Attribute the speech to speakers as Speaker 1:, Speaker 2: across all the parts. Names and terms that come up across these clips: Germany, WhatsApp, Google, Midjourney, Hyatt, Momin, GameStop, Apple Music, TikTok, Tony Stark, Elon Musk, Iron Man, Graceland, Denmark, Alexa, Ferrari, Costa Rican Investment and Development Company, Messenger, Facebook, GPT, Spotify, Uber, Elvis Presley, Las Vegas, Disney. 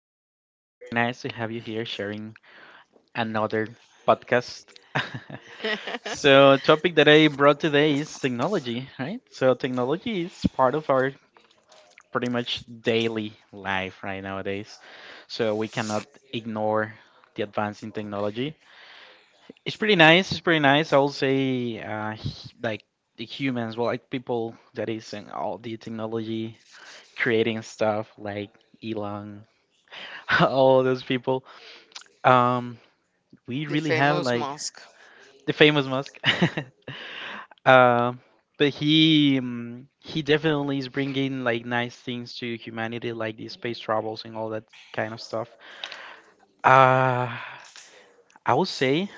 Speaker 1: welcome and again. It's very nice to have you here sharing another podcast.
Speaker 2: So,
Speaker 1: So,
Speaker 2: topic
Speaker 1: topic that
Speaker 2: that I
Speaker 1: I brought
Speaker 2: brought today
Speaker 1: today is
Speaker 2: is technology.
Speaker 1: technology, right? So, technology is part of our pretty much daily life right nowadays. So, we cannot ignore the advance in technology. It's pretty nice. It's pretty nice. I will say, like the humans, well, like people that is in all the technology creating stuff, like Elon, all those people. Um, we
Speaker 2: The
Speaker 1: really have
Speaker 2: famous
Speaker 1: like
Speaker 2: mosque.
Speaker 1: the famous Musk. Um, but he definitely is bringing like nice things to humanity, like the space travels and all that kind of stuff. Uh, I would say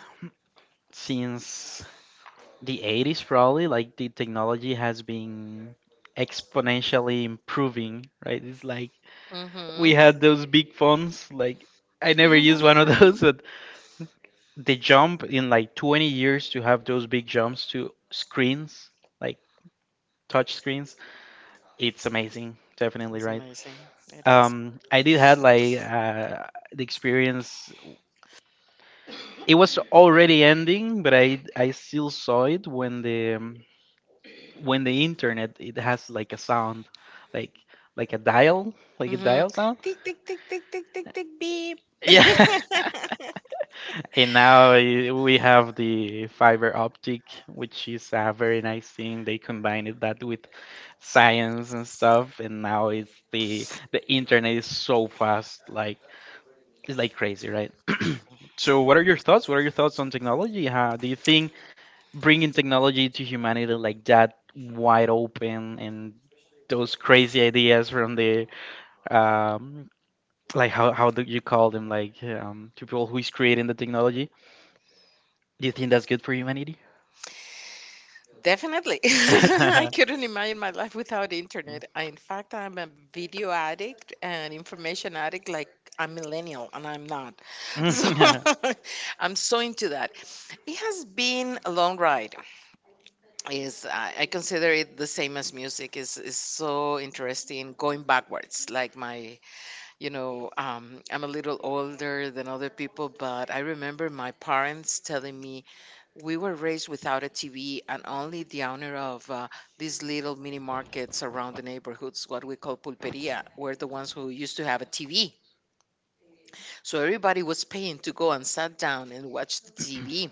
Speaker 1: since the 80s, probably like the technology has been exponentially improving. Right? It's like we had
Speaker 2: Mm-hmm.
Speaker 1: those big phones. Like, I
Speaker 2: I
Speaker 1: never
Speaker 2: never
Speaker 1: used one of those,
Speaker 2: used.
Speaker 1: but they jump in like 20 years to have those big jumps to screens, like touch screens. It's amazing, definitely,
Speaker 2: That's
Speaker 1: right?
Speaker 2: amazing. It is.
Speaker 1: I did had like the experience. It was already ending, but I still saw it when the internet, it has like a sound, like like a dial like a
Speaker 2: Mm-hmm.
Speaker 1: dial sound.
Speaker 2: Tick, tick, tick, tick, tick, tick, tick, beep.
Speaker 1: Yeah. And now we have the fiber optic, which is a very nice thing. They combined it that with science and stuff, and now it's the internet is so fast, like it's like crazy, right? So, what are your thoughts? What are your thoughts on technology? How do you think bringing technology to humanity like that, wide open, and those crazy ideas from the um, like, how do you call them, like people who is creating the technology? Do you think that's good for humanity?
Speaker 2: Definitely. I couldn't imagine my life without the internet. In fact, I'm a video addict and information addict, like I'm millennial and I'm not. So,
Speaker 1: Yeah.
Speaker 2: I'm so into that. It has been a long ride. I consider it the same as music is so interesting going backwards, like my you know I'm a little older than other people, but I remember my parents telling me we were raised without a TV, and only the honor of these little mini markets around the neighborhoods, what we call pulperia, were the ones who used to have a TV, so everybody was paying to go and sat down and watch the TV.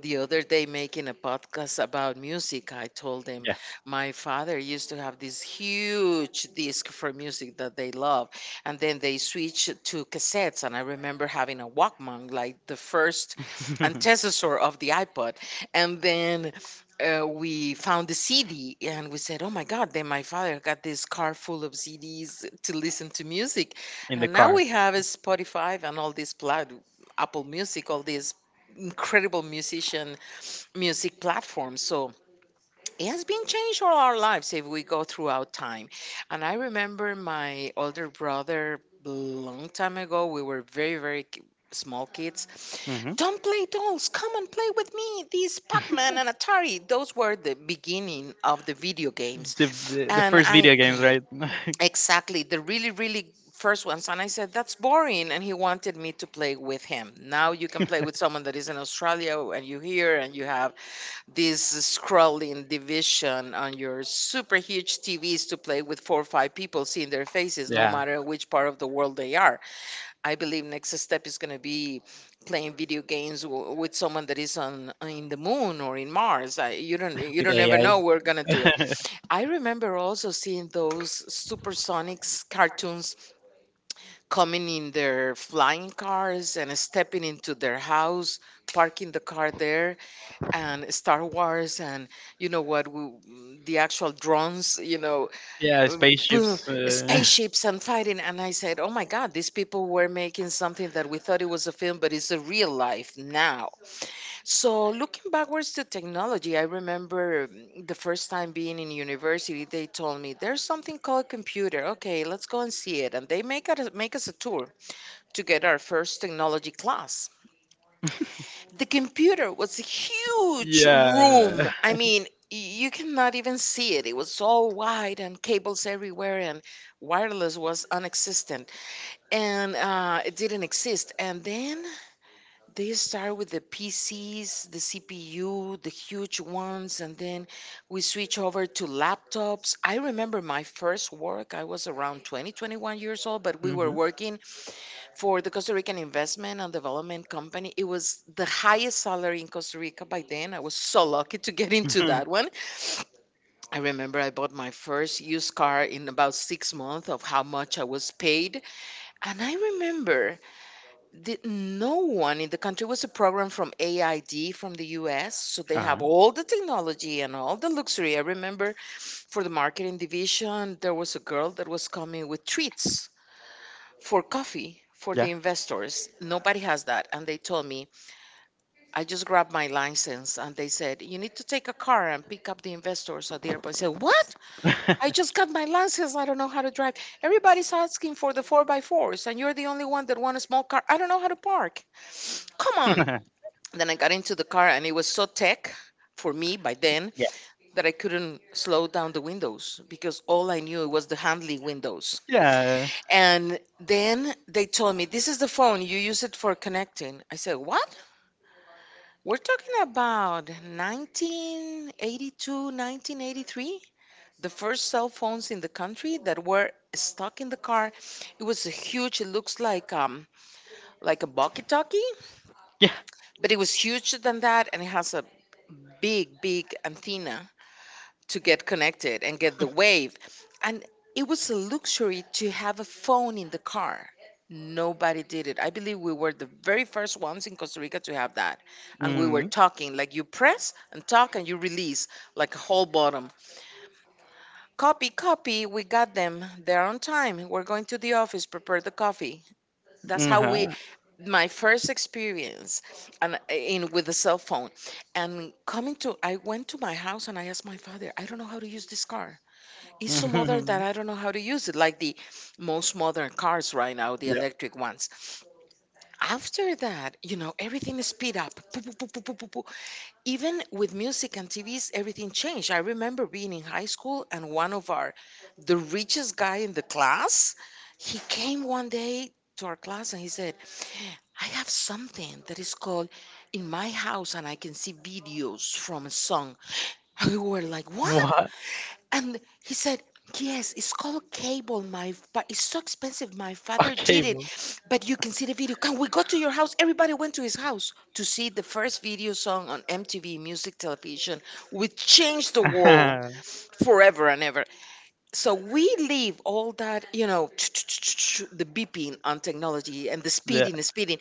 Speaker 2: The other day, making a podcast about music, I told them my father used to have this huge disc for music that they love, and then they switched to cassettes. And I remember having a Walkman, like the first antecessor of the iPod, and then. We found the CD and we said, Oh my God, then my father got this car full of CDs to listen to music.
Speaker 1: In the
Speaker 2: And now
Speaker 1: car.
Speaker 2: we have a Spotify and all this Apple Music, all these incredible music platform. So it has been changed all our lives if we go throughout time. And I remember my older brother long time ago. We were very, very small kids.
Speaker 1: Hmm.
Speaker 2: Don't play dolls. Come and play with me. These Pac-Man and Atari. Those were the beginning of the video games.
Speaker 1: The
Speaker 2: And
Speaker 1: first
Speaker 2: I
Speaker 1: video games, right?
Speaker 2: Exactly, the really, really first ones. And I said, that's boring. And he wanted me to play with him. Now you can play with someone that is in Australia, and you hear and you have this scrolling division on your super huge TVs to play with four or five people seeing their faces, no
Speaker 1: Yeah,
Speaker 2: matter which part of the world they are. I believe next step is going to be playing video games with someone that is on in the moon or in Mars. I, you
Speaker 1: with
Speaker 2: don't ever know we're going to do it.
Speaker 1: AI.
Speaker 2: I remember also seeing those supersonics cartoons coming in their flying cars and stepping into their house, parking the car there, and Star Wars, and you know what we, the actual drones,
Speaker 1: Yeah,
Speaker 2: boom,
Speaker 1: spaceships.
Speaker 2: spaceships and fighting. And I said, oh my God, these people were making something that we thought it was a film, but it's a real life now. So looking backwards to technology, I remember the first time being in university, they told me there's something called computer. Okay, let's go and see it, and they make us a tour to get our first technology class. The computer was a huge
Speaker 1: Yeah.
Speaker 2: room. I mean, you cannot even see it. It was so wide and cables everywhere, and wireless was non existent and it didn't exist. And then they start with the PCs, the CPU, the huge ones, and then we switch over to laptops. I remember my first work, I was around 20, 21 years old, but we were
Speaker 1: Mhm.
Speaker 2: working for the Costa Rican Investment and Development Company. It was the highest salary in Costa Rica by then. I was so lucky to get into that one. I remember I bought my first used car in about 6 months of how much I was paid. And I remember no one in the country was a program from AID from the US, so they have
Speaker 1: Uh-huh.
Speaker 2: all the technology and all the luxury. I remember for the marketing division, there was a girl that was coming with treats for coffee for
Speaker 1: Yeah.
Speaker 2: the investors. Nobody has that. And they told me, I just grabbed my license, and they said, You need to take a car and pick up the investors at the airport. I said, What? I just got my license. I don't know how to drive. Everybody's asking for the 4 by 4s, and you're the only one that want a small car. I don't know how to park. Come on. Then I got into the car, and it was so tech for me by then
Speaker 1: Yeah.
Speaker 2: that I couldn't slow down the windows because all I knew was the handling windows.
Speaker 1: Yeah.
Speaker 2: And then they told me, This is the phone, you use it for connecting. I said, What? We're talking about 1982, 1983? The first cell phones in the country that were stuck in the car. It was a huge, it looks like like a walkie-talkie,
Speaker 1: Yeah.
Speaker 2: but it was huger than that and it has a big, big antenna to get connected and get the wave. And it was a luxury to have a phone in the car. Nobody did it. I believe we were the very first ones in Costa Rica to have that. And we were
Speaker 1: Mm.
Speaker 2: talking like you press and talk and you release like a whole bottom. Copy, copy, we got them. They're on time. We're going to the office, prepare the coffee. That's how we
Speaker 1: Uh-huh.
Speaker 2: my first experience and in with the cell phone. And coming to I went to my house and I asked my father, I don't know how to use this car. It's so modern
Speaker 1: Hmm.
Speaker 2: that I don't know how to use it, like the most modern cars right now, the
Speaker 1: Yeah.
Speaker 2: electric ones. After that, you know, everything is speed up. Poo, poo, poo, poo, poo, poo, poo. Even with music and TVs, everything changed. I remember being in high school and one of our, the richest guy in the class, he came one day to our class and he said, I have something that is called In My House and I can see videos from a song. And we were like, what?
Speaker 1: What?
Speaker 2: And he said, Yes, it's called cable, my but it's so expensive. My father
Speaker 1: Okay.
Speaker 2: did it.
Speaker 1: Well.
Speaker 2: But you can see the video. Can we go to your house? Everybody went to his house to see the first video song on MTV music television, which changed the world forever and ever. So we leave all that, you know, the beeping on technology and the
Speaker 1: Yeah.
Speaker 2: speeding, the speeding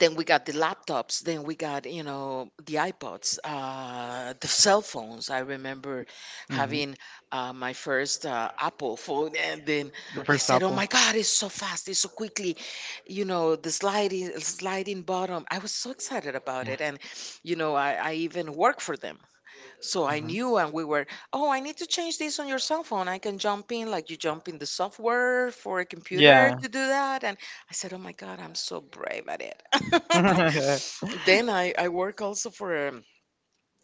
Speaker 2: Then we got the laptops, then we got the iPods, the cell phones. I remember
Speaker 1: Hmm.
Speaker 2: having my first Apple phone, and then
Speaker 1: The
Speaker 2: I
Speaker 1: first
Speaker 2: said, oh
Speaker 1: Apple.
Speaker 2: my God, it's so fast, it's so quickly, you know, the sliding bottom. I was so excited about
Speaker 1: Yeah.
Speaker 2: it, and I even worked for them, so I
Speaker 1: Mhm.
Speaker 2: knew, and we were, oh, I need to change this on your cell phone. I can jump in, like you jump in the software for a, yeah, computer
Speaker 1: Yeah.
Speaker 2: to do that. I said, "Oh my God, I'm so brave at it." Then I work also for um,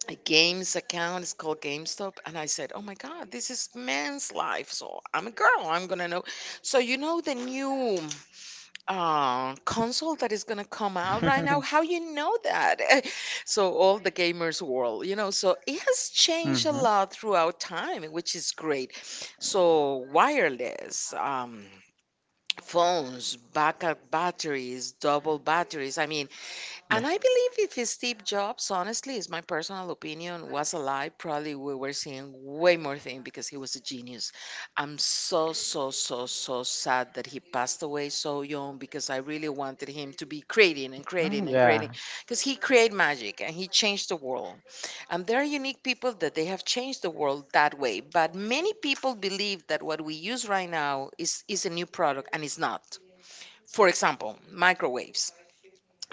Speaker 2: a, games account. It's called GameStop, and I said, "Oh my God, this is man's life." So I'm a girl. I'm gonna know. So you know the new console that is gonna come out right now. How you know that? So all the gamers world. So it has changed a
Speaker 1: Hmm.
Speaker 2: lot throughout time, which is great. So wireless. Phones, backup batteries, double batteries. I mean, and
Speaker 1: Yeah.
Speaker 2: I believe if it's Steve Jobs, honestly, is my personal opinion, was alive, probably we were seeing way more things because he was a genius. I'm so, so, so, so sad that he passed away so young because I really wanted him to be creating and creating
Speaker 1: Mm,
Speaker 2: and creating
Speaker 1: yeah.
Speaker 2: because he created magic and he changed the world. And there are unique people that they have changed the world that way. But many people believe that what we use right now is a new product, and it's not. For example, microwaves,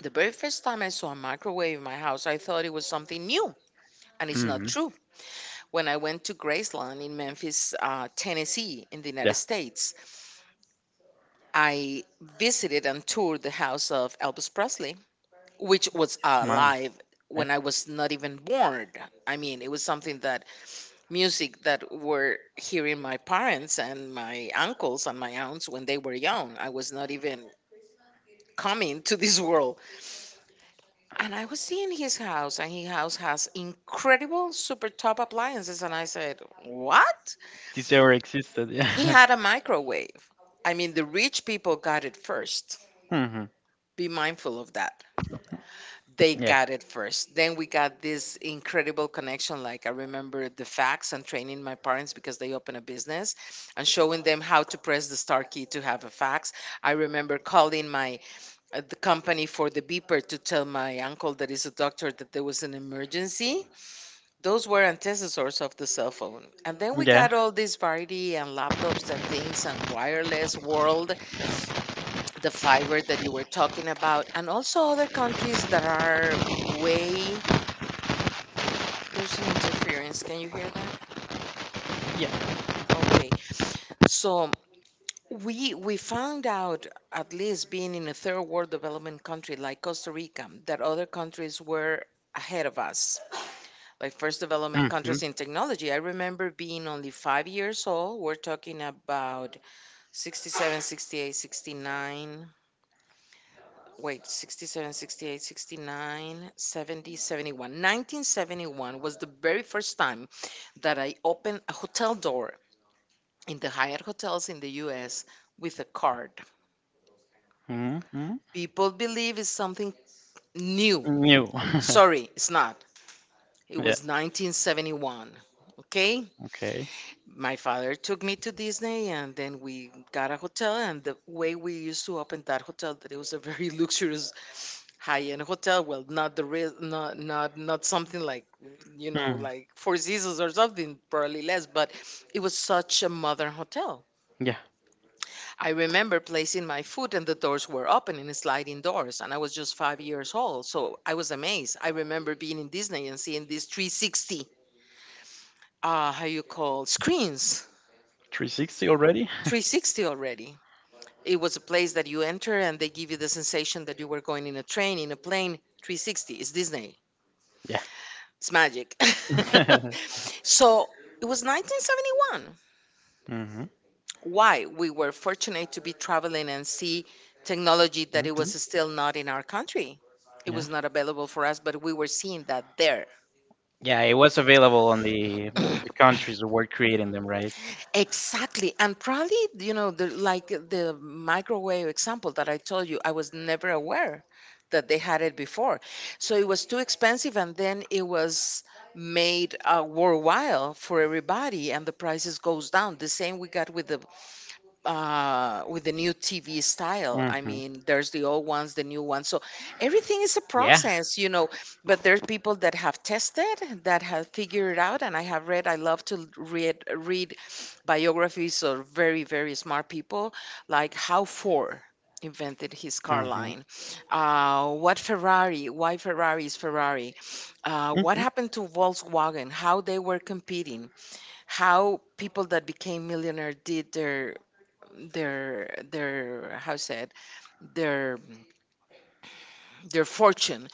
Speaker 2: the very first time I saw a microwave in my house, I thought it was something new, and it's not
Speaker 1: Hmm.
Speaker 2: true. When I went to Graceland in Memphis, Tennessee, in the United
Speaker 1: Yeah.
Speaker 2: States, I visited and toured the house of Elvis Presley, which was
Speaker 1: Mine.
Speaker 2: alive
Speaker 1: Yeah.
Speaker 2: when I was not even born. I mean, it was something that music that were hearing my parents and my uncles and my aunts when they were young. I was not even coming to this world. And I was seeing his house, and his house has incredible super top appliances. And I said, What?
Speaker 1: This ever existed.
Speaker 2: He
Speaker 1: Yeah.
Speaker 2: had a microwave. I mean, the rich people got it first.
Speaker 1: Hmm.
Speaker 2: Be mindful of that. They
Speaker 1: Yeah.
Speaker 2: got it first. Then we got this incredible connection. Like, I remember the facts and training my parents because they opened a business and showing them how to press the star key to have a fax. I remember calling my the company for the beeper to tell my uncle that is a doctor that there was an emergency. Those were antecessors of the cell phone. And then we
Speaker 1: Yeah.
Speaker 2: got all this variety and laptops and things and wireless world, the fiber that you were talking about, and also other countries that are way. There's an interference. Can you hear that?
Speaker 1: Yeah.
Speaker 2: Okay. So we found out, at least being in a third world development country like Costa Rica, that other countries were ahead of us, like first development countries in technology. I remember being only 5 years old. We're talking about
Speaker 1: Hmm.
Speaker 2: 67, 68, 69. Wait, 67, 68, 69, 70, 71. 1971 was the very first time that I opened a hotel door in the Hyatt hotels in the US with a card.
Speaker 1: Mm-hmm.
Speaker 2: People believe it's something new.
Speaker 1: New, new.
Speaker 2: Sorry, it's not. It
Speaker 1: Yeah.
Speaker 2: was 1971. Okay?
Speaker 1: Okay.
Speaker 2: My father took me to Disney and then we got a hotel. And the way we used to open that hotel, that it was a very luxurious high-end hotel. Well, not the real, not something like,
Speaker 1: Mm.
Speaker 2: like Four Seasons or something, probably less. But it was such a modern hotel.
Speaker 1: Yeah.
Speaker 2: I remember placing my foot and the doors were open and sliding doors, and I was just 5 years old, so I was amazed. I remember being in Disney and seeing these 360, how you call, screens.
Speaker 1: 360 already?
Speaker 2: 360 already. It was a place that you enter and they give you the sensation that you were going in a train, in a plane. 360. It's Disney.
Speaker 1: Yeah.
Speaker 2: It's magic. So it was 1971.
Speaker 1: Mm-hmm, and
Speaker 2: Why? We were fortunate to be traveling and see technology that it was still
Speaker 1: mm-hmm.
Speaker 2: not in our country. It
Speaker 1: Yeah.
Speaker 2: was not available for us, but we were seeing that there.
Speaker 1: Yeah, it was available on the countries that were creating them, right?
Speaker 2: Exactly. And probably, like the microwave example that I told you, I was never aware that they had it before. So it was too expensive, and then it was made worthwhile for everybody, and the prices goes down. The same we got with the new TV style.
Speaker 1: In.
Speaker 2: I
Speaker 1: Hmm.
Speaker 2: mean, there's the old ones, the new ones. So everything is a
Speaker 1: Yeah.
Speaker 2: process. But there's people that have tested, that have figured it out, and I have read. I love to read biographies of very very smart people, like how Ford invented his car
Speaker 1: Mm-hmm.
Speaker 2: line, what Ferrari, why Ferrari is Ferrari, what
Speaker 1: Mm-hmm.
Speaker 2: happened to Volkswagen, how they were competing, how people that became millionaire did their how said their their fortune.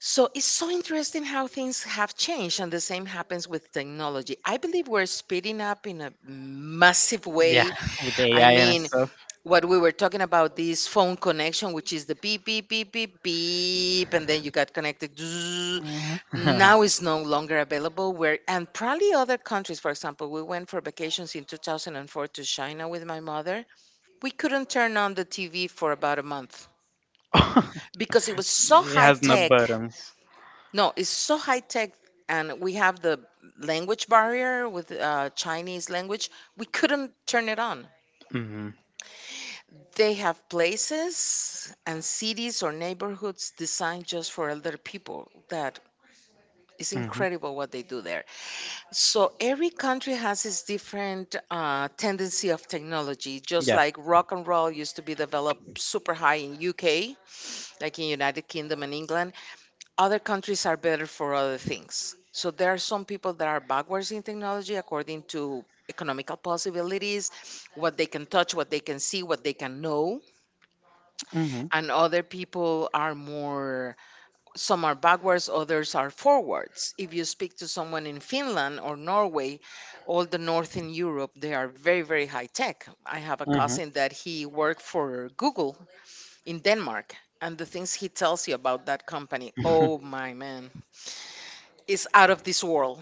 Speaker 2: So it's so interesting how things have changed, and the same happens with technology. I believe we're speeding up in a massive
Speaker 1: Yeah,
Speaker 2: way.
Speaker 1: with
Speaker 2: I
Speaker 1: AI and
Speaker 2: mean,
Speaker 1: stuff.
Speaker 2: what we were talking about, this phone connection, which is the beep beep beep beep beep and then you got connected, Zzzz.
Speaker 1: Mhm.
Speaker 2: Now it's no longer available, where and probably other countries. For example, we went for vacations in 2004 to China with my mother. We couldn't turn on the TV for about a month because it was so
Speaker 1: It
Speaker 2: high
Speaker 1: has no
Speaker 2: tech.
Speaker 1: buttons.
Speaker 2: No, it's so high tech, and we have the language barrier with Chinese language. We couldn't turn it on.
Speaker 1: Hmm.
Speaker 2: They have places and cities or neighborhoods designed just for elder people. That is
Speaker 1: Hmm.
Speaker 2: incredible what they do there. So every country has its different tendency of technology. Just
Speaker 1: Yeah.
Speaker 2: like rock and roll used to be developed super high in UK, like in United Kingdom and England, other countries are better for other things. So there are some people that are backwards in technology according to economical possibilities, what they can touch, what they can see, what they can know,
Speaker 1: Hmm.
Speaker 2: and other people are more. Some are backwards, others are forwards. If you speak to someone in Finland or Norway, all the northern Europe, they are very very high tech. I have a
Speaker 1: Hmm.
Speaker 2: cousin that he worked for Google in Denmark. And the things he tells you about that company, oh my man, is out of this world.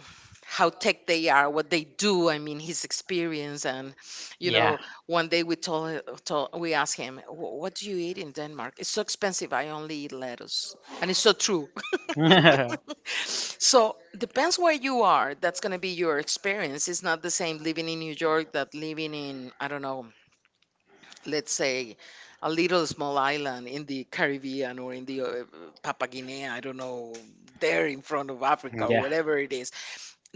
Speaker 2: How tech they are, what they do. I mean, his experience, and you
Speaker 1: Yeah.
Speaker 2: know, one day we told, told we asked him, "What do you eat in Denmark? It's so expensive. I only eat lettuce," and it's so true. So depends where you are. That's gonna be your experience. It's not the same living in New York that living in, I don't know, let's say a little small island in the Caribbean or in the Papua Guinea, I don't know, there in front of Africa or
Speaker 1: Yeah.
Speaker 2: whatever it is.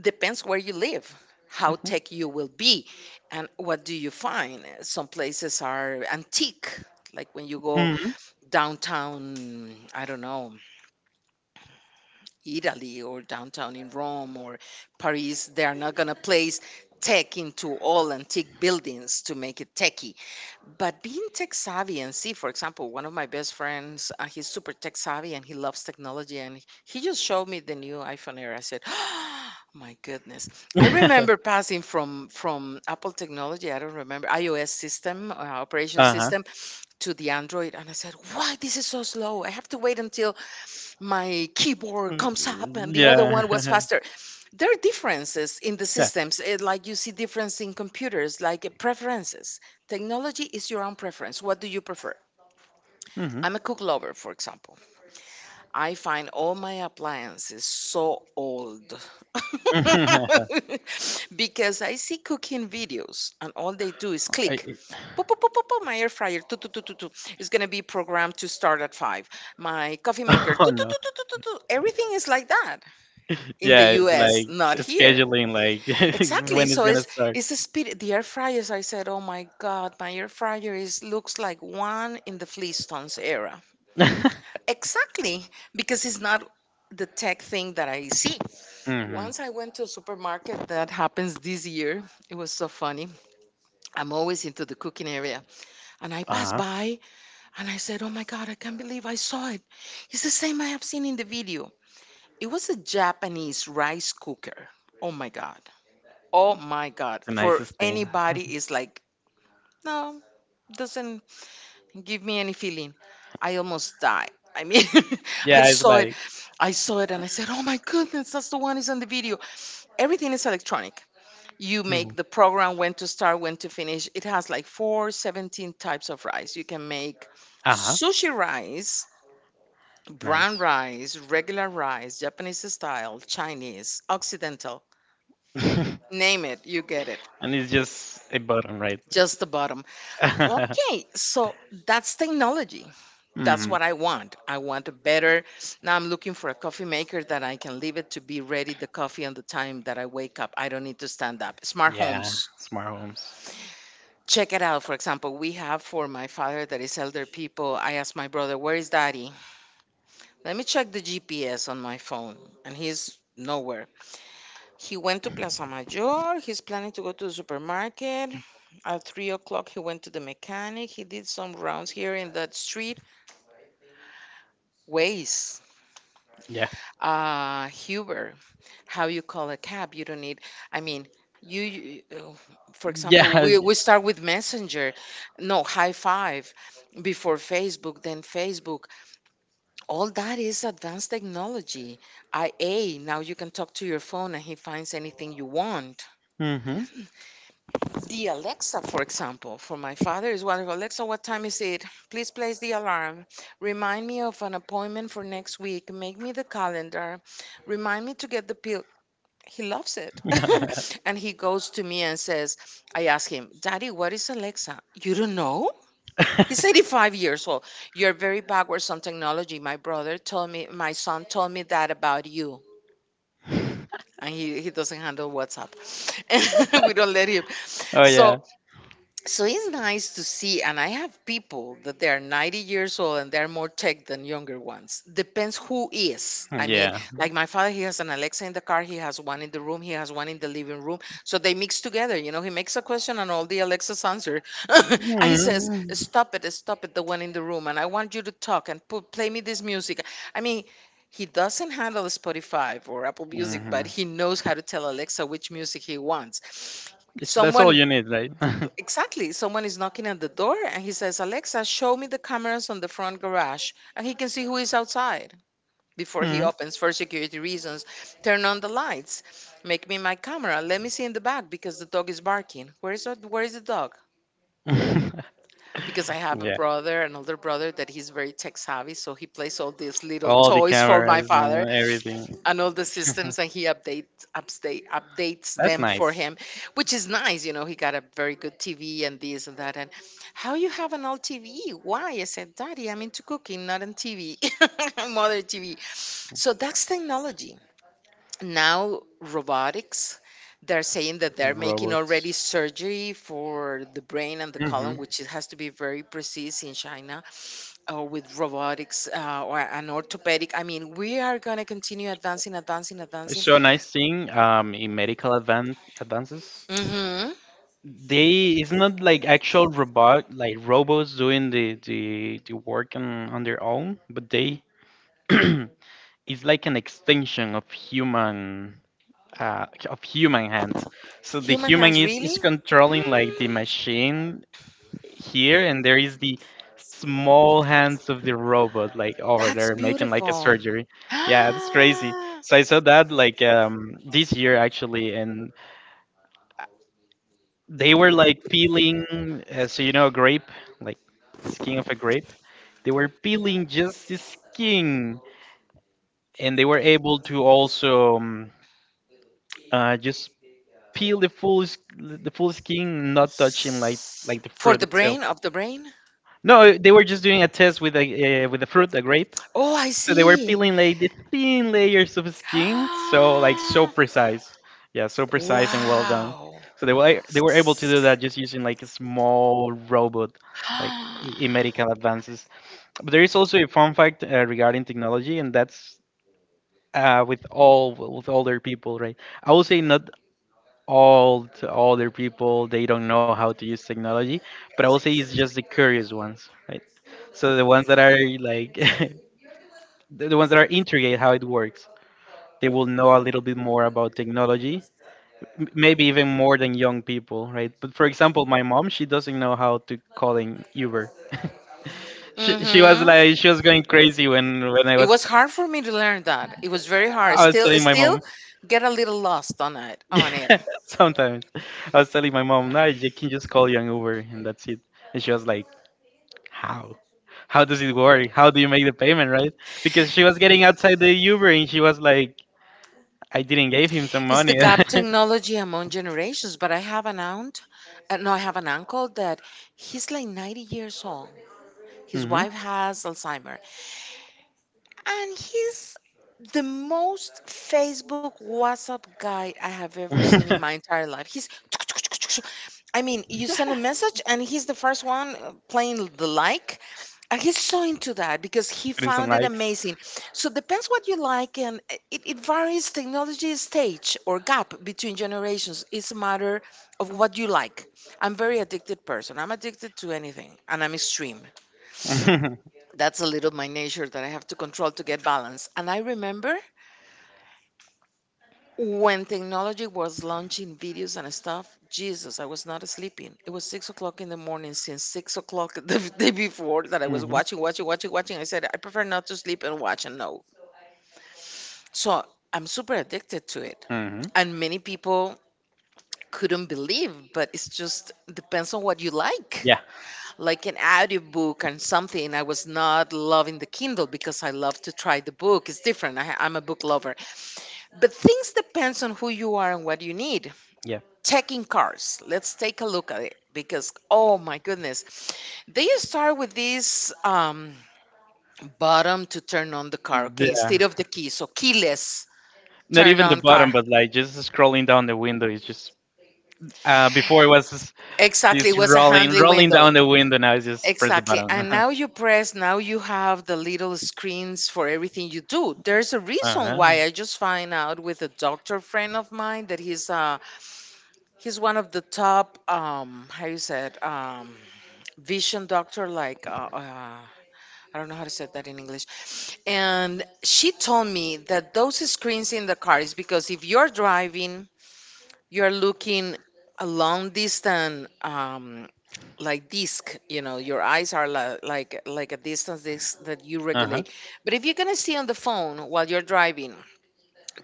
Speaker 2: Depends where you live, how tech you
Speaker 1: Hmm.
Speaker 2: will be, and what do you find. Some places are antique, like when you go
Speaker 1: Hmm.
Speaker 2: downtown, I don't know, Italy or downtown in Rome or Paris. They are not going to place tech into all antique buildings to make it techy. But being tech savvy and see, for example, one of my best friends, he's super tech savvy and he loves technology, and he just showed me the new iPhone era. I said, oh my goodness. I remember passing from Apple technology. I don't remember iOS system, operation
Speaker 1: uh huh.
Speaker 2: system, to the Android. And I said, why this is so slow? I have to wait until my keyboard comes up, and the other
Speaker 1: Yeah.
Speaker 2: one was faster. There are differences in the
Speaker 1: Yeah.
Speaker 2: systems, like you see difference in computers, like preferences. Technology is your own preference. What do you prefer?
Speaker 1: hmm
Speaker 2: I'm a cook lover, for example. I find all my appliances so old. Because I see cooking videos and all they do is click. Pop pop pop pop pop. My air fryer tu, tu, tu, tu, tu, is going to be programmed to start at five. My coffee maker tu,
Speaker 1: Oh
Speaker 2: tu,
Speaker 1: no.
Speaker 2: tu, tu, tu, tu, tu. Everything is like that. In the
Speaker 1: Yeah, it's
Speaker 2: US,
Speaker 1: like
Speaker 2: not here.
Speaker 1: scheduling, like
Speaker 2: Exactly.
Speaker 1: when it's
Speaker 2: So
Speaker 1: gonna
Speaker 2: it's
Speaker 1: start.
Speaker 2: it's the speed. The air fryers. I said, oh my god, my air fryer is looks like one in the Flintstones era. Exactly, because it's not the tech thing that I see.
Speaker 1: Hmm.
Speaker 2: Once I went to a supermarket, that happens this year. It was so funny. I'm always into the cooking area. And I passed
Speaker 1: Uh huh.
Speaker 2: by and I said, oh my God, I can't believe I saw it. It's the same I have seen in the video. It was a Japanese rice cooker. Oh my God. Oh my God.
Speaker 1: The
Speaker 2: For
Speaker 1: nicest thing.
Speaker 2: anybody is like, no, doesn't give me any feeling. I almost died. I mean, I
Speaker 1: Yeah, it's
Speaker 2: saw it.
Speaker 1: like.
Speaker 2: I saw it and I said, oh my goodness, that's the one is on the video. Everything is electronic. You
Speaker 1: Hmm.
Speaker 2: make the program when to start, when to finish. It has like four, 17 types of rice. You can make
Speaker 1: Uh huh.
Speaker 2: sushi rice, brown
Speaker 1: Nice.
Speaker 2: rice, regular rice, Japanese style, Chinese, Occidental.
Speaker 1: And
Speaker 2: Name it, you get it.
Speaker 1: it's just a button, right?
Speaker 2: Just the bottom. Okay, so that's technology. That's
Speaker 1: Mhm.
Speaker 2: what I want. I want a better. Now I'm looking for a coffee maker that I can leave it to be ready the coffee on the time that I wake up. I don't need to stand up. Smart
Speaker 1: Yeah,
Speaker 2: homes.
Speaker 1: smart homes.
Speaker 2: Check it out. For example, we have for my father that is elder people. I asked my brother, "Where is daddy?" Let me check the GPS on my phone, and he's nowhere. He went to Plaza Mayor. He's planning to go to the supermarket. At 3 o'clock, he went to the mechanic. He did some rounds here in that street. Ways.
Speaker 1: Yeah.
Speaker 2: Huber. How you call a cab? You don't need. I mean, you. you- uh, for
Speaker 1: Yeah.
Speaker 2: example, we start with Messenger. No, High Five, before Facebook, then Facebook. All that is advanced technology. IA. Now you can talk to your phone, and he finds anything you want.
Speaker 1: Mhm.
Speaker 2: The Alexa, for example, for my father is wonderful. Alexa, what time is it? Please place the alarm. Remind me of an appointment for next week. Make me the calendar. Remind me to get the pill. He loves it. And he goes to me and says, I ask him, Daddy, what is Alexa? You don't know? He's 85 years old. You're very backwards on technology. My brother told me, my son told me that about you. And he doesn't handle WhatsApp. We don't let him.
Speaker 1: Oh yeah.
Speaker 2: So so it's nice to see, and I have people that they're 90 years old and they're more tech than younger ones. Depends who is, I mean.
Speaker 1: Yeah.
Speaker 2: Like my father, he has an Alexa in the car, he has one in the room, he has one in the living room, so they mix together, he makes a question and all the Alexas answer.
Speaker 1: Mm.
Speaker 2: And he says,
Speaker 1: Mhm.
Speaker 2: stop it, stop it, the one in the room, and I want you to talk and play me this music. I mean, he doesn't handle Spotify or Apple Music, but he knows how to tell Alexa which music he wants.
Speaker 1: That's all
Speaker 2: Someone.
Speaker 1: you need, right?
Speaker 2: Exactly. Someone is knocking at the door and he says, Alexa, show me the cameras on the front garage. And he can see who is outside before he
Speaker 1: Mhm.
Speaker 2: opens, for security reasons. Turn on the lights. Make me my camera. Let me see in the back because the dog is barking. Where is the dog? Because I have a
Speaker 1: Yeah.
Speaker 2: brother, an older brother that he's very tech savvy, so he plays all these little
Speaker 1: All the
Speaker 2: toys for my
Speaker 1: cameras
Speaker 2: father
Speaker 1: and everything.
Speaker 2: and all the systems, and he updates
Speaker 1: That's
Speaker 2: them for
Speaker 1: nice.
Speaker 2: him, which is nice. You know, he got a very good TV and this and that. And how you have an old TV? Why? I said, Daddy, I'm into cooking, not on TV. Mother TV. So that's technology. Now robotics. They're saying that they're making
Speaker 1: Robots.
Speaker 2: already surgery for the brain and the
Speaker 1: Hmm.
Speaker 2: colon, which it has to be very precise, in China. Or with robotics, or an orthopedic. I mean, we are going to continue advancing, advancing, advancing.
Speaker 1: So a nice thing in medical advances.
Speaker 2: Mm-hmm.
Speaker 1: They it's not like actual robot, like robots doing the work on their own, but they is like an extension of human, of human hands. So the
Speaker 2: Human
Speaker 1: human
Speaker 2: hands,
Speaker 1: is
Speaker 2: really?
Speaker 1: is controlling like the
Speaker 2: Mm.
Speaker 1: machine here, and there is the small hands of the robot like over
Speaker 2: That's
Speaker 1: there making like a
Speaker 2: beautiful.
Speaker 1: surgery. Yeah, it's crazy. So I saw that like this year actually, and they were like peeling. You know, a grape, like the skin of a grape. They were peeling just the skin, and they were able to also just peel the full s- the full skin, not touching like the
Speaker 2: For
Speaker 1: fruit
Speaker 2: the
Speaker 1: itself.
Speaker 2: brain, of the brain?
Speaker 1: No, they were just doing a test with a with the fruit, the grape.
Speaker 2: Oh, I
Speaker 1: So they were
Speaker 2: see.
Speaker 1: peeling like the thin layers of skin, so like so
Speaker 2: Ah.
Speaker 1: precise. Yeah, so precise and well done.
Speaker 2: Wow.
Speaker 1: So they were able to do that just using like a small robot, like in medical advances. But there is also a fun fact regarding technology, and that's with all, with older people, right? I would say not old, older people they don't know how to use technology, but I will say it's just the curious ones, right? So the ones that are like the ones that are intrigued how it works, they will know a little bit more about technology, maybe even more than young people, right? But for example, my mom, she doesn't know how to call in Uber. She was
Speaker 2: Mm-hmm.
Speaker 1: like, she was going crazy when I
Speaker 2: It
Speaker 1: was.
Speaker 2: was hard for me to learn that. It was very hard.
Speaker 1: I was
Speaker 2: Still,
Speaker 1: telling my
Speaker 2: still
Speaker 1: mom.
Speaker 2: get a little lost
Speaker 1: Yeah.
Speaker 2: On it.
Speaker 1: Sometimes I was telling my mom, "No, you can just call you an Uber and that's it." And she was like, "How? How does it work? How do you make the payment, right?" Because she was getting outside the Uber and she was like, "I didn't give him some
Speaker 2: It's the
Speaker 1: money."
Speaker 2: gap technology among generations. But I have an aunt, no, I have an uncle that he's like 90 years old. His
Speaker 1: Hmm.
Speaker 2: wife has Alzheimer, and he's the most Facebook WhatsApp guy I have ever seen in my entire life. He's I mean, you send a message and he's the first one playing the like. And he's so into that because he
Speaker 1: Putting some
Speaker 2: found it
Speaker 1: likes.
Speaker 2: amazing. So depends what you like, and it varies, technology stage or gap between generations. It's a matter of what you like. I'm very addicted person. I'm addicted to anything, and I'm extreme.
Speaker 1: Hmm.
Speaker 2: That's a little my nature, that I have to control to get balance. And I remember, when technology was launching videos and stuff, Jesus, I was not sleeping. It was 6 o'clock in the morning since 6 o'clock the day before, that I was watching. I said, I prefer not to sleep and watch, and no. So I'm super addicted to it.
Speaker 1: Hmm. Hmm.
Speaker 2: And many people couldn't believe, but it's just depends on what you like.
Speaker 1: Yeah,
Speaker 2: Like an audiobook and something, I was not loving the Kindle because I love to try the book. It's different. I,'m a book lover. But things depends on who you are and what you need.
Speaker 1: yeah,
Speaker 2: Checking cars. Let's take a look at it, because, oh my goodness, they start with this bottom to turn on the car, okay,
Speaker 1: yeah.
Speaker 2: instead of the key. So, keyless
Speaker 1: Not
Speaker 2: turn
Speaker 1: even the
Speaker 2: on
Speaker 1: bottom,
Speaker 2: car.
Speaker 1: but like just scrolling down the window is just, before it was just
Speaker 2: Exactly, it was a handly
Speaker 1: rolling
Speaker 2: window.
Speaker 1: down the window. Now it's just press the
Speaker 2: Exactly.
Speaker 1: button.
Speaker 2: And now you press, now you have the little screens for everything you do. There's a reason
Speaker 1: Uh-huh.
Speaker 2: why. I just find out with a doctor friend of mine that he's uh, he's one of the top, um, how you said, um, vision doctor, like, I don't know how to say that in English. And she told me that those screens in the car is because if you're driving, you're looking a long distance, like disc, you know, your eyes are like a distance disc that you
Speaker 1: Uh-huh.
Speaker 2: regulate. But if you're going to see on the phone while you're driving,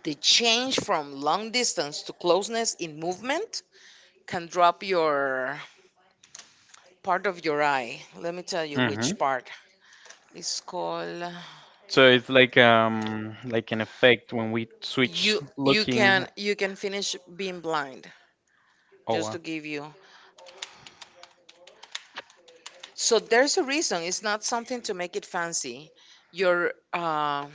Speaker 2: the change from long distance to closeness in movement can drop your part of your eye. Let me tell you
Speaker 1: Mm-hmm.
Speaker 2: which part it's called.
Speaker 1: So it's like an effect when we
Speaker 2: you
Speaker 1: switch
Speaker 2: you
Speaker 1: looking.
Speaker 2: can, you can finish being blind,
Speaker 1: Oh
Speaker 2: just to
Speaker 1: wow.
Speaker 2: give you. So there's a reason, it's not something to make it fancy. Your uh,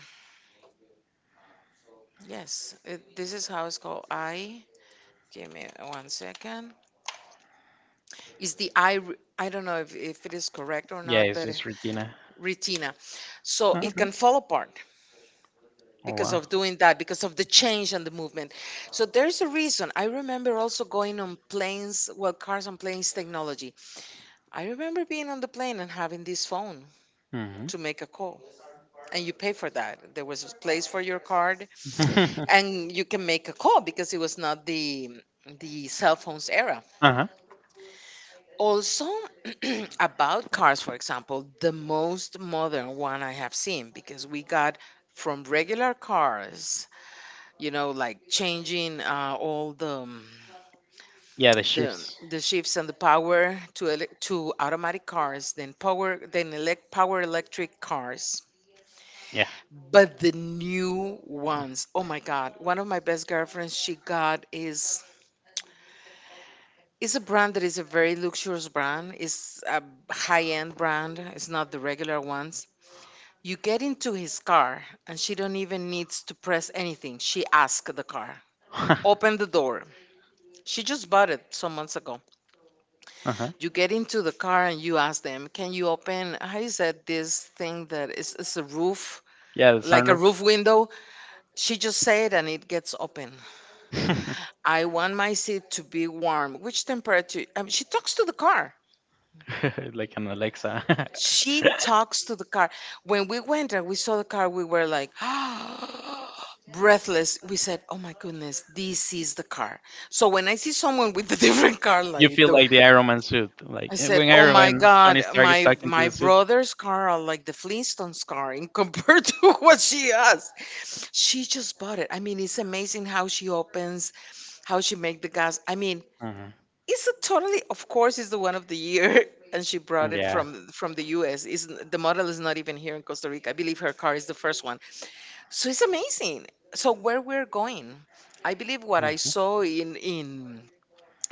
Speaker 2: yes, this is how it's called, eye, give me one second. Is the I don't know if it is correct or
Speaker 1: Yeah,
Speaker 2: not,
Speaker 1: it's
Speaker 2: but
Speaker 1: just retina.
Speaker 2: retina. So it
Speaker 1: Uh-huh.
Speaker 2: can fall apart
Speaker 1: Oh
Speaker 2: because
Speaker 1: wow.
Speaker 2: of doing that, because of the change and the movement. So there's a reason. I remember also going on planes, well, cars and planes technology. I remember being on the plane and having this phone
Speaker 1: Mm-hmm.
Speaker 2: to make a call, and you pay for that. There was a place for your card,
Speaker 1: Uh-huh.
Speaker 2: and you can make a call because it was not the cell phones era. Also, about cars, for example, the most modern one I have seen, because we got from regular cars, you know, like changing all
Speaker 1: Yeah, the
Speaker 2: the
Speaker 1: shifts.
Speaker 2: shifts and the power, to to automatic cars, then power, then elect power electric cars.
Speaker 1: Yeah.
Speaker 2: But the new ones, oh my God! One of my best girlfriends, she got, is a brand that is a very luxurious brand. It's a high end brand. It's not the regular ones. You get into his car, and she don't even needs to press anything. She asks the car,
Speaker 1: Uh-huh.
Speaker 2: open the door. She just bought it some months ago. You get into the car and you ask them, "Can you open?" How is that this thing that is, it's a roof,
Speaker 1: Yeah, the
Speaker 2: like a
Speaker 1: sunroof.
Speaker 2: roof window? She just said, and it gets open. I want my seat to be warm. Which temperature? She talks to the car.
Speaker 1: Like an Alexa.
Speaker 2: She talks to the car. When we went and we saw the car, we were like, breathless. We said, "Oh my goodness, this is the car." So when I see someone with a different car,
Speaker 1: You
Speaker 2: like
Speaker 1: feel
Speaker 2: do.
Speaker 1: like the Iron Man suit. Like,
Speaker 2: I said,
Speaker 1: when
Speaker 2: "Oh
Speaker 1: Iron
Speaker 2: my
Speaker 1: Man, Tony
Speaker 2: God,
Speaker 1: Stark is
Speaker 2: my
Speaker 1: talking to the
Speaker 2: my
Speaker 1: suit.
Speaker 2: brother's car are like the Flintstones car in compared to what she has." She just bought it. I mean, it's amazing how she opens, how she make the gas. I mean,
Speaker 1: Uh-huh.
Speaker 2: it's a totally, of course, it's the one of the year, and she brought it
Speaker 1: Yeah.
Speaker 2: from the U.S. Is the model is not even here in Costa Rica. I believe her car is the first one. So it's amazing. So where we're going, I believe what I saw
Speaker 1: Uh-huh.
Speaker 2: in in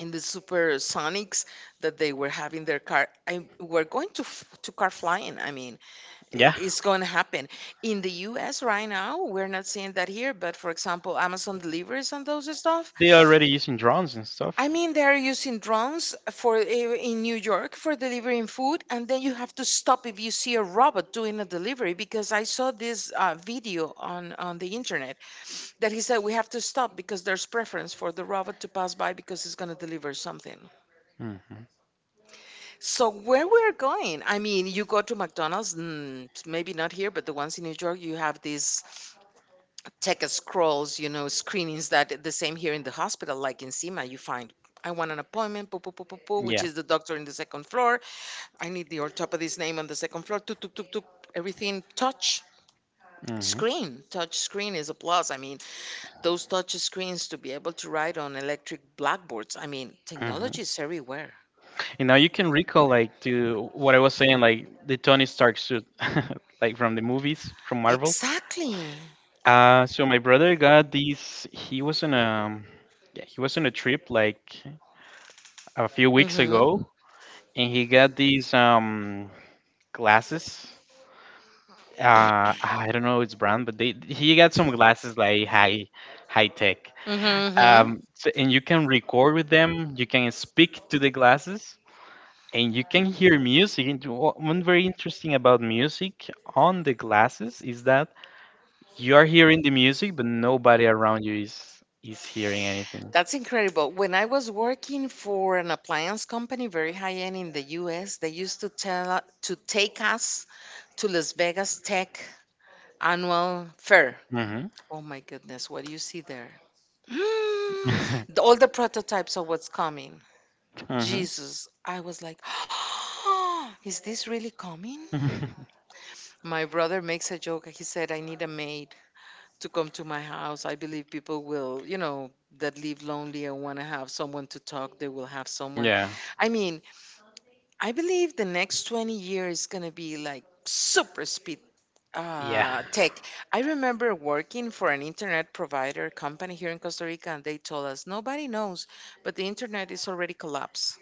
Speaker 2: in the supersonics, that they were having their car, we're going to to car flying, I mean. Yeah.
Speaker 1: Yeah.
Speaker 2: It's going to happen in the US. Right now we're not seeing that here, but for example, Amazon delivers and those stuff.
Speaker 1: They're already using drones and stuff.
Speaker 2: I mean, they're using drones for in New York for delivering food. And then you have to stop if you see a robot doing a delivery, because I saw this video on the internet, that he said, we have to stop because there's
Speaker 1: Mhm.
Speaker 2: preference for the robot to pass by because it's going to deliver something. So where we're going, I mean, you go to McDonald's, mm, maybe not here, but the ones in New York, you have these tech scrolls, you know, screenings, that the same here in the hospital, like in SEMA, you find. I want an appointment, poo, poo, poo, poo, poo, which
Speaker 1: Yeah.
Speaker 2: is the doctor in the second floor. I need the orthopedist name on the second floor. Tuk, tuk, tuk, tuk. Everything touch
Speaker 1: Mhm.
Speaker 2: screen. Touch screen is a plus. I mean, those touch screens to be able to write on electric blackboards. I mean,
Speaker 1: Mhm.
Speaker 2: technology is everywhere.
Speaker 1: And now you can recall like to what I was saying, like the Tony Stark suit, like from the movies from Marvel.
Speaker 2: Exactly.
Speaker 1: So my brother got these. He was on a yeah, he was on a trip like a few
Speaker 2: Mm
Speaker 1: weeks
Speaker 2: hmm.
Speaker 1: ago, and he got these glasses. I don't know its brand, but they he got some glasses like high tech.
Speaker 2: Mm-hmm.
Speaker 1: So, and you can record with them. You can speak to the glasses, and you can hear music. And one very interesting about music on the glasses is that you are hearing the music, but nobody around you is hearing anything.
Speaker 2: That's incredible. When I was working for an appliance company, very high end in the U.S., they used to tell to take us to Las Vegas Tech annual fair.
Speaker 1: Mhm.
Speaker 2: Oh my goodness, what do you see there? Mm, all the prototypes of what's coming.
Speaker 1: Mhm.
Speaker 2: Jesus, I was like, is this really coming? My brother makes a joke. He said, I need a maid to come to my house. I believe people will, you know, that live lonely and want to have someone to talk, they will have someone.
Speaker 1: Yeah.
Speaker 2: I mean, I believe the next 20 years is going to be like super speed, uh, tech. I remember working for an internet provider company here in Costa Rica, and they told us, nobody knows, but the internet is already collapsed.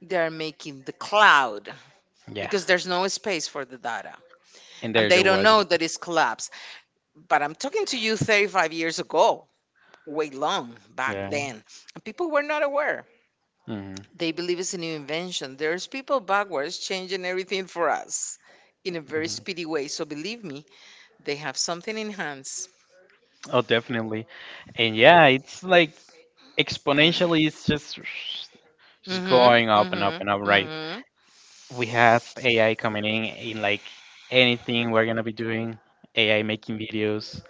Speaker 2: They're making the cloud
Speaker 1: Yeah.
Speaker 2: because there's no space for the data,
Speaker 1: And
Speaker 2: and
Speaker 1: there
Speaker 2: they
Speaker 1: there
Speaker 2: don't
Speaker 1: was.
Speaker 2: know that it's collapsed. But I'm talking to you 35 years ago, way long back
Speaker 1: Yeah.
Speaker 2: then. And people were not aware.
Speaker 1: Mhm.
Speaker 2: They believe it's a new invention. There's people backwards changing everything for us in a very
Speaker 1: Mhm.
Speaker 2: speedy way. So believe me, they have something in hands.
Speaker 1: Oh, definitely. And yeah, it's like exponentially. It's just
Speaker 2: Mhm,
Speaker 1: going up and up
Speaker 2: mhm,
Speaker 1: and up. Right.
Speaker 2: mhm.
Speaker 1: We have AI coming in like anything we're gonna be doing. AI making videos.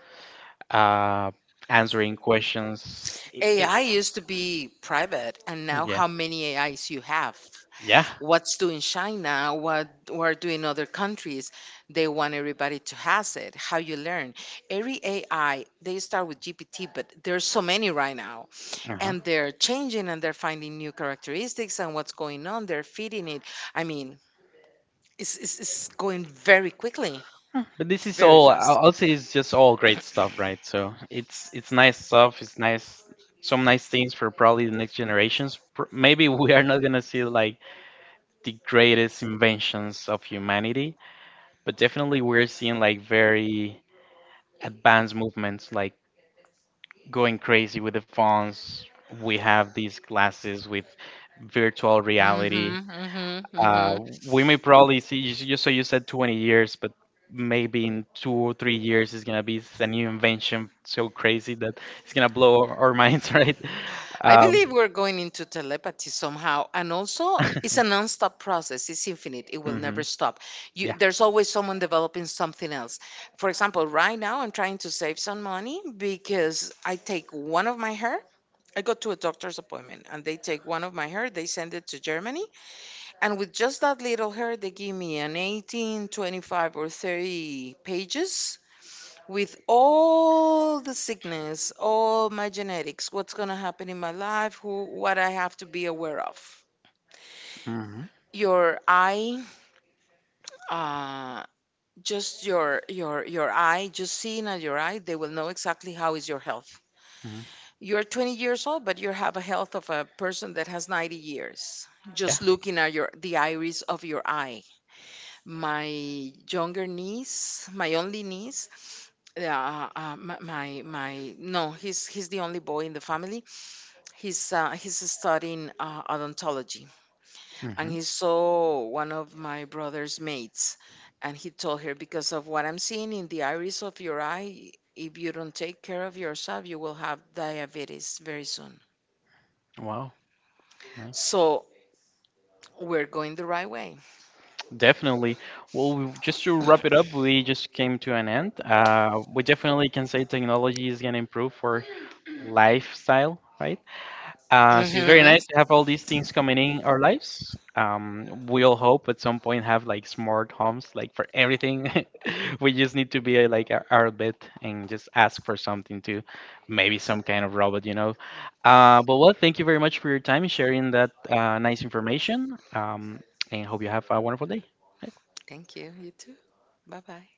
Speaker 1: uh, Answering questions.
Speaker 2: AI used to be private, and now
Speaker 1: Yeah,
Speaker 2: how many AIs you have?
Speaker 1: yeah.
Speaker 2: What's doing China? What are doing other countries? They want everybody to has it. How you learn? Every AI they start with GPT, but there's so many right now,
Speaker 1: Uh-huh.
Speaker 2: and they're changing and they're finding new characteristics and what's going on, they're feeding it. I mean, it's going very quickly,
Speaker 1: But this is
Speaker 2: very
Speaker 1: all.
Speaker 2: fast.
Speaker 1: I'll say it's just all great stuff, right? So it's nice stuff. It's nice, some nice things for probably the next generations. Maybe we are not gonna see like the greatest inventions of humanity, but definitely we're seeing like very advanced movements, like going crazy with the phones. We have these glasses with virtual reality.
Speaker 2: Hmm hmm
Speaker 1: Uh,
Speaker 2: hmm.
Speaker 1: we may probably see, so you said 20 years, but maybe in 2 or 3 years it's going to be a new invention so crazy that it's going to blow our minds, right?
Speaker 2: I
Speaker 1: Um,
Speaker 2: believe we're going into telepathy somehow, and also it's a non-stop process, it's infinite, it will never
Speaker 1: mhm.
Speaker 2: stop. You,
Speaker 1: Yeah.
Speaker 2: there's always someone developing something else. For example, right now I'm trying to save some money because I take one of my hair. I go to a doctor's appointment and they take one of my hair, they send it to Germany, and with just that little hair, they give me an 18, 25, or 30 pages with all the sickness, all my genetics, what's going to happen in my life, who, what I have to be aware of.
Speaker 1: Hmm.
Speaker 2: Your eye, uh, just your your eye, just seeing at your eye, they will know exactly how is your health.
Speaker 1: Hmm.
Speaker 2: You're 20 years old, but you have a health of a person that has 90 years,
Speaker 1: Yeah.
Speaker 2: just looking at your the iris of your eye. My younger niece, my only niece, my, my no, he's the only boy in the family. He's studying odontology, and
Speaker 1: Hmm.
Speaker 2: he saw one of my brother's mates, and he told her, because of what I'm seeing in the iris of your eye. If you don't take care of yourself, you will have diabetes very soon.
Speaker 1: Wow. Nice.
Speaker 2: So we're going the right way.
Speaker 1: Definitely. Well, just to wrap it up, we just came to an end. We definitely can say technology is going to improve for lifestyle, right? So it's very nice to
Speaker 2: Hmm.
Speaker 1: have all these things coming in our lives. We all hope at some point have like smart homes, like for everything. We just need to be like our bit and just ask for something to, maybe some kind of robot. But well, thank you very much for your time and sharing that nice information. And hope you have a wonderful day.
Speaker 2: Thank you. You too. Bye bye.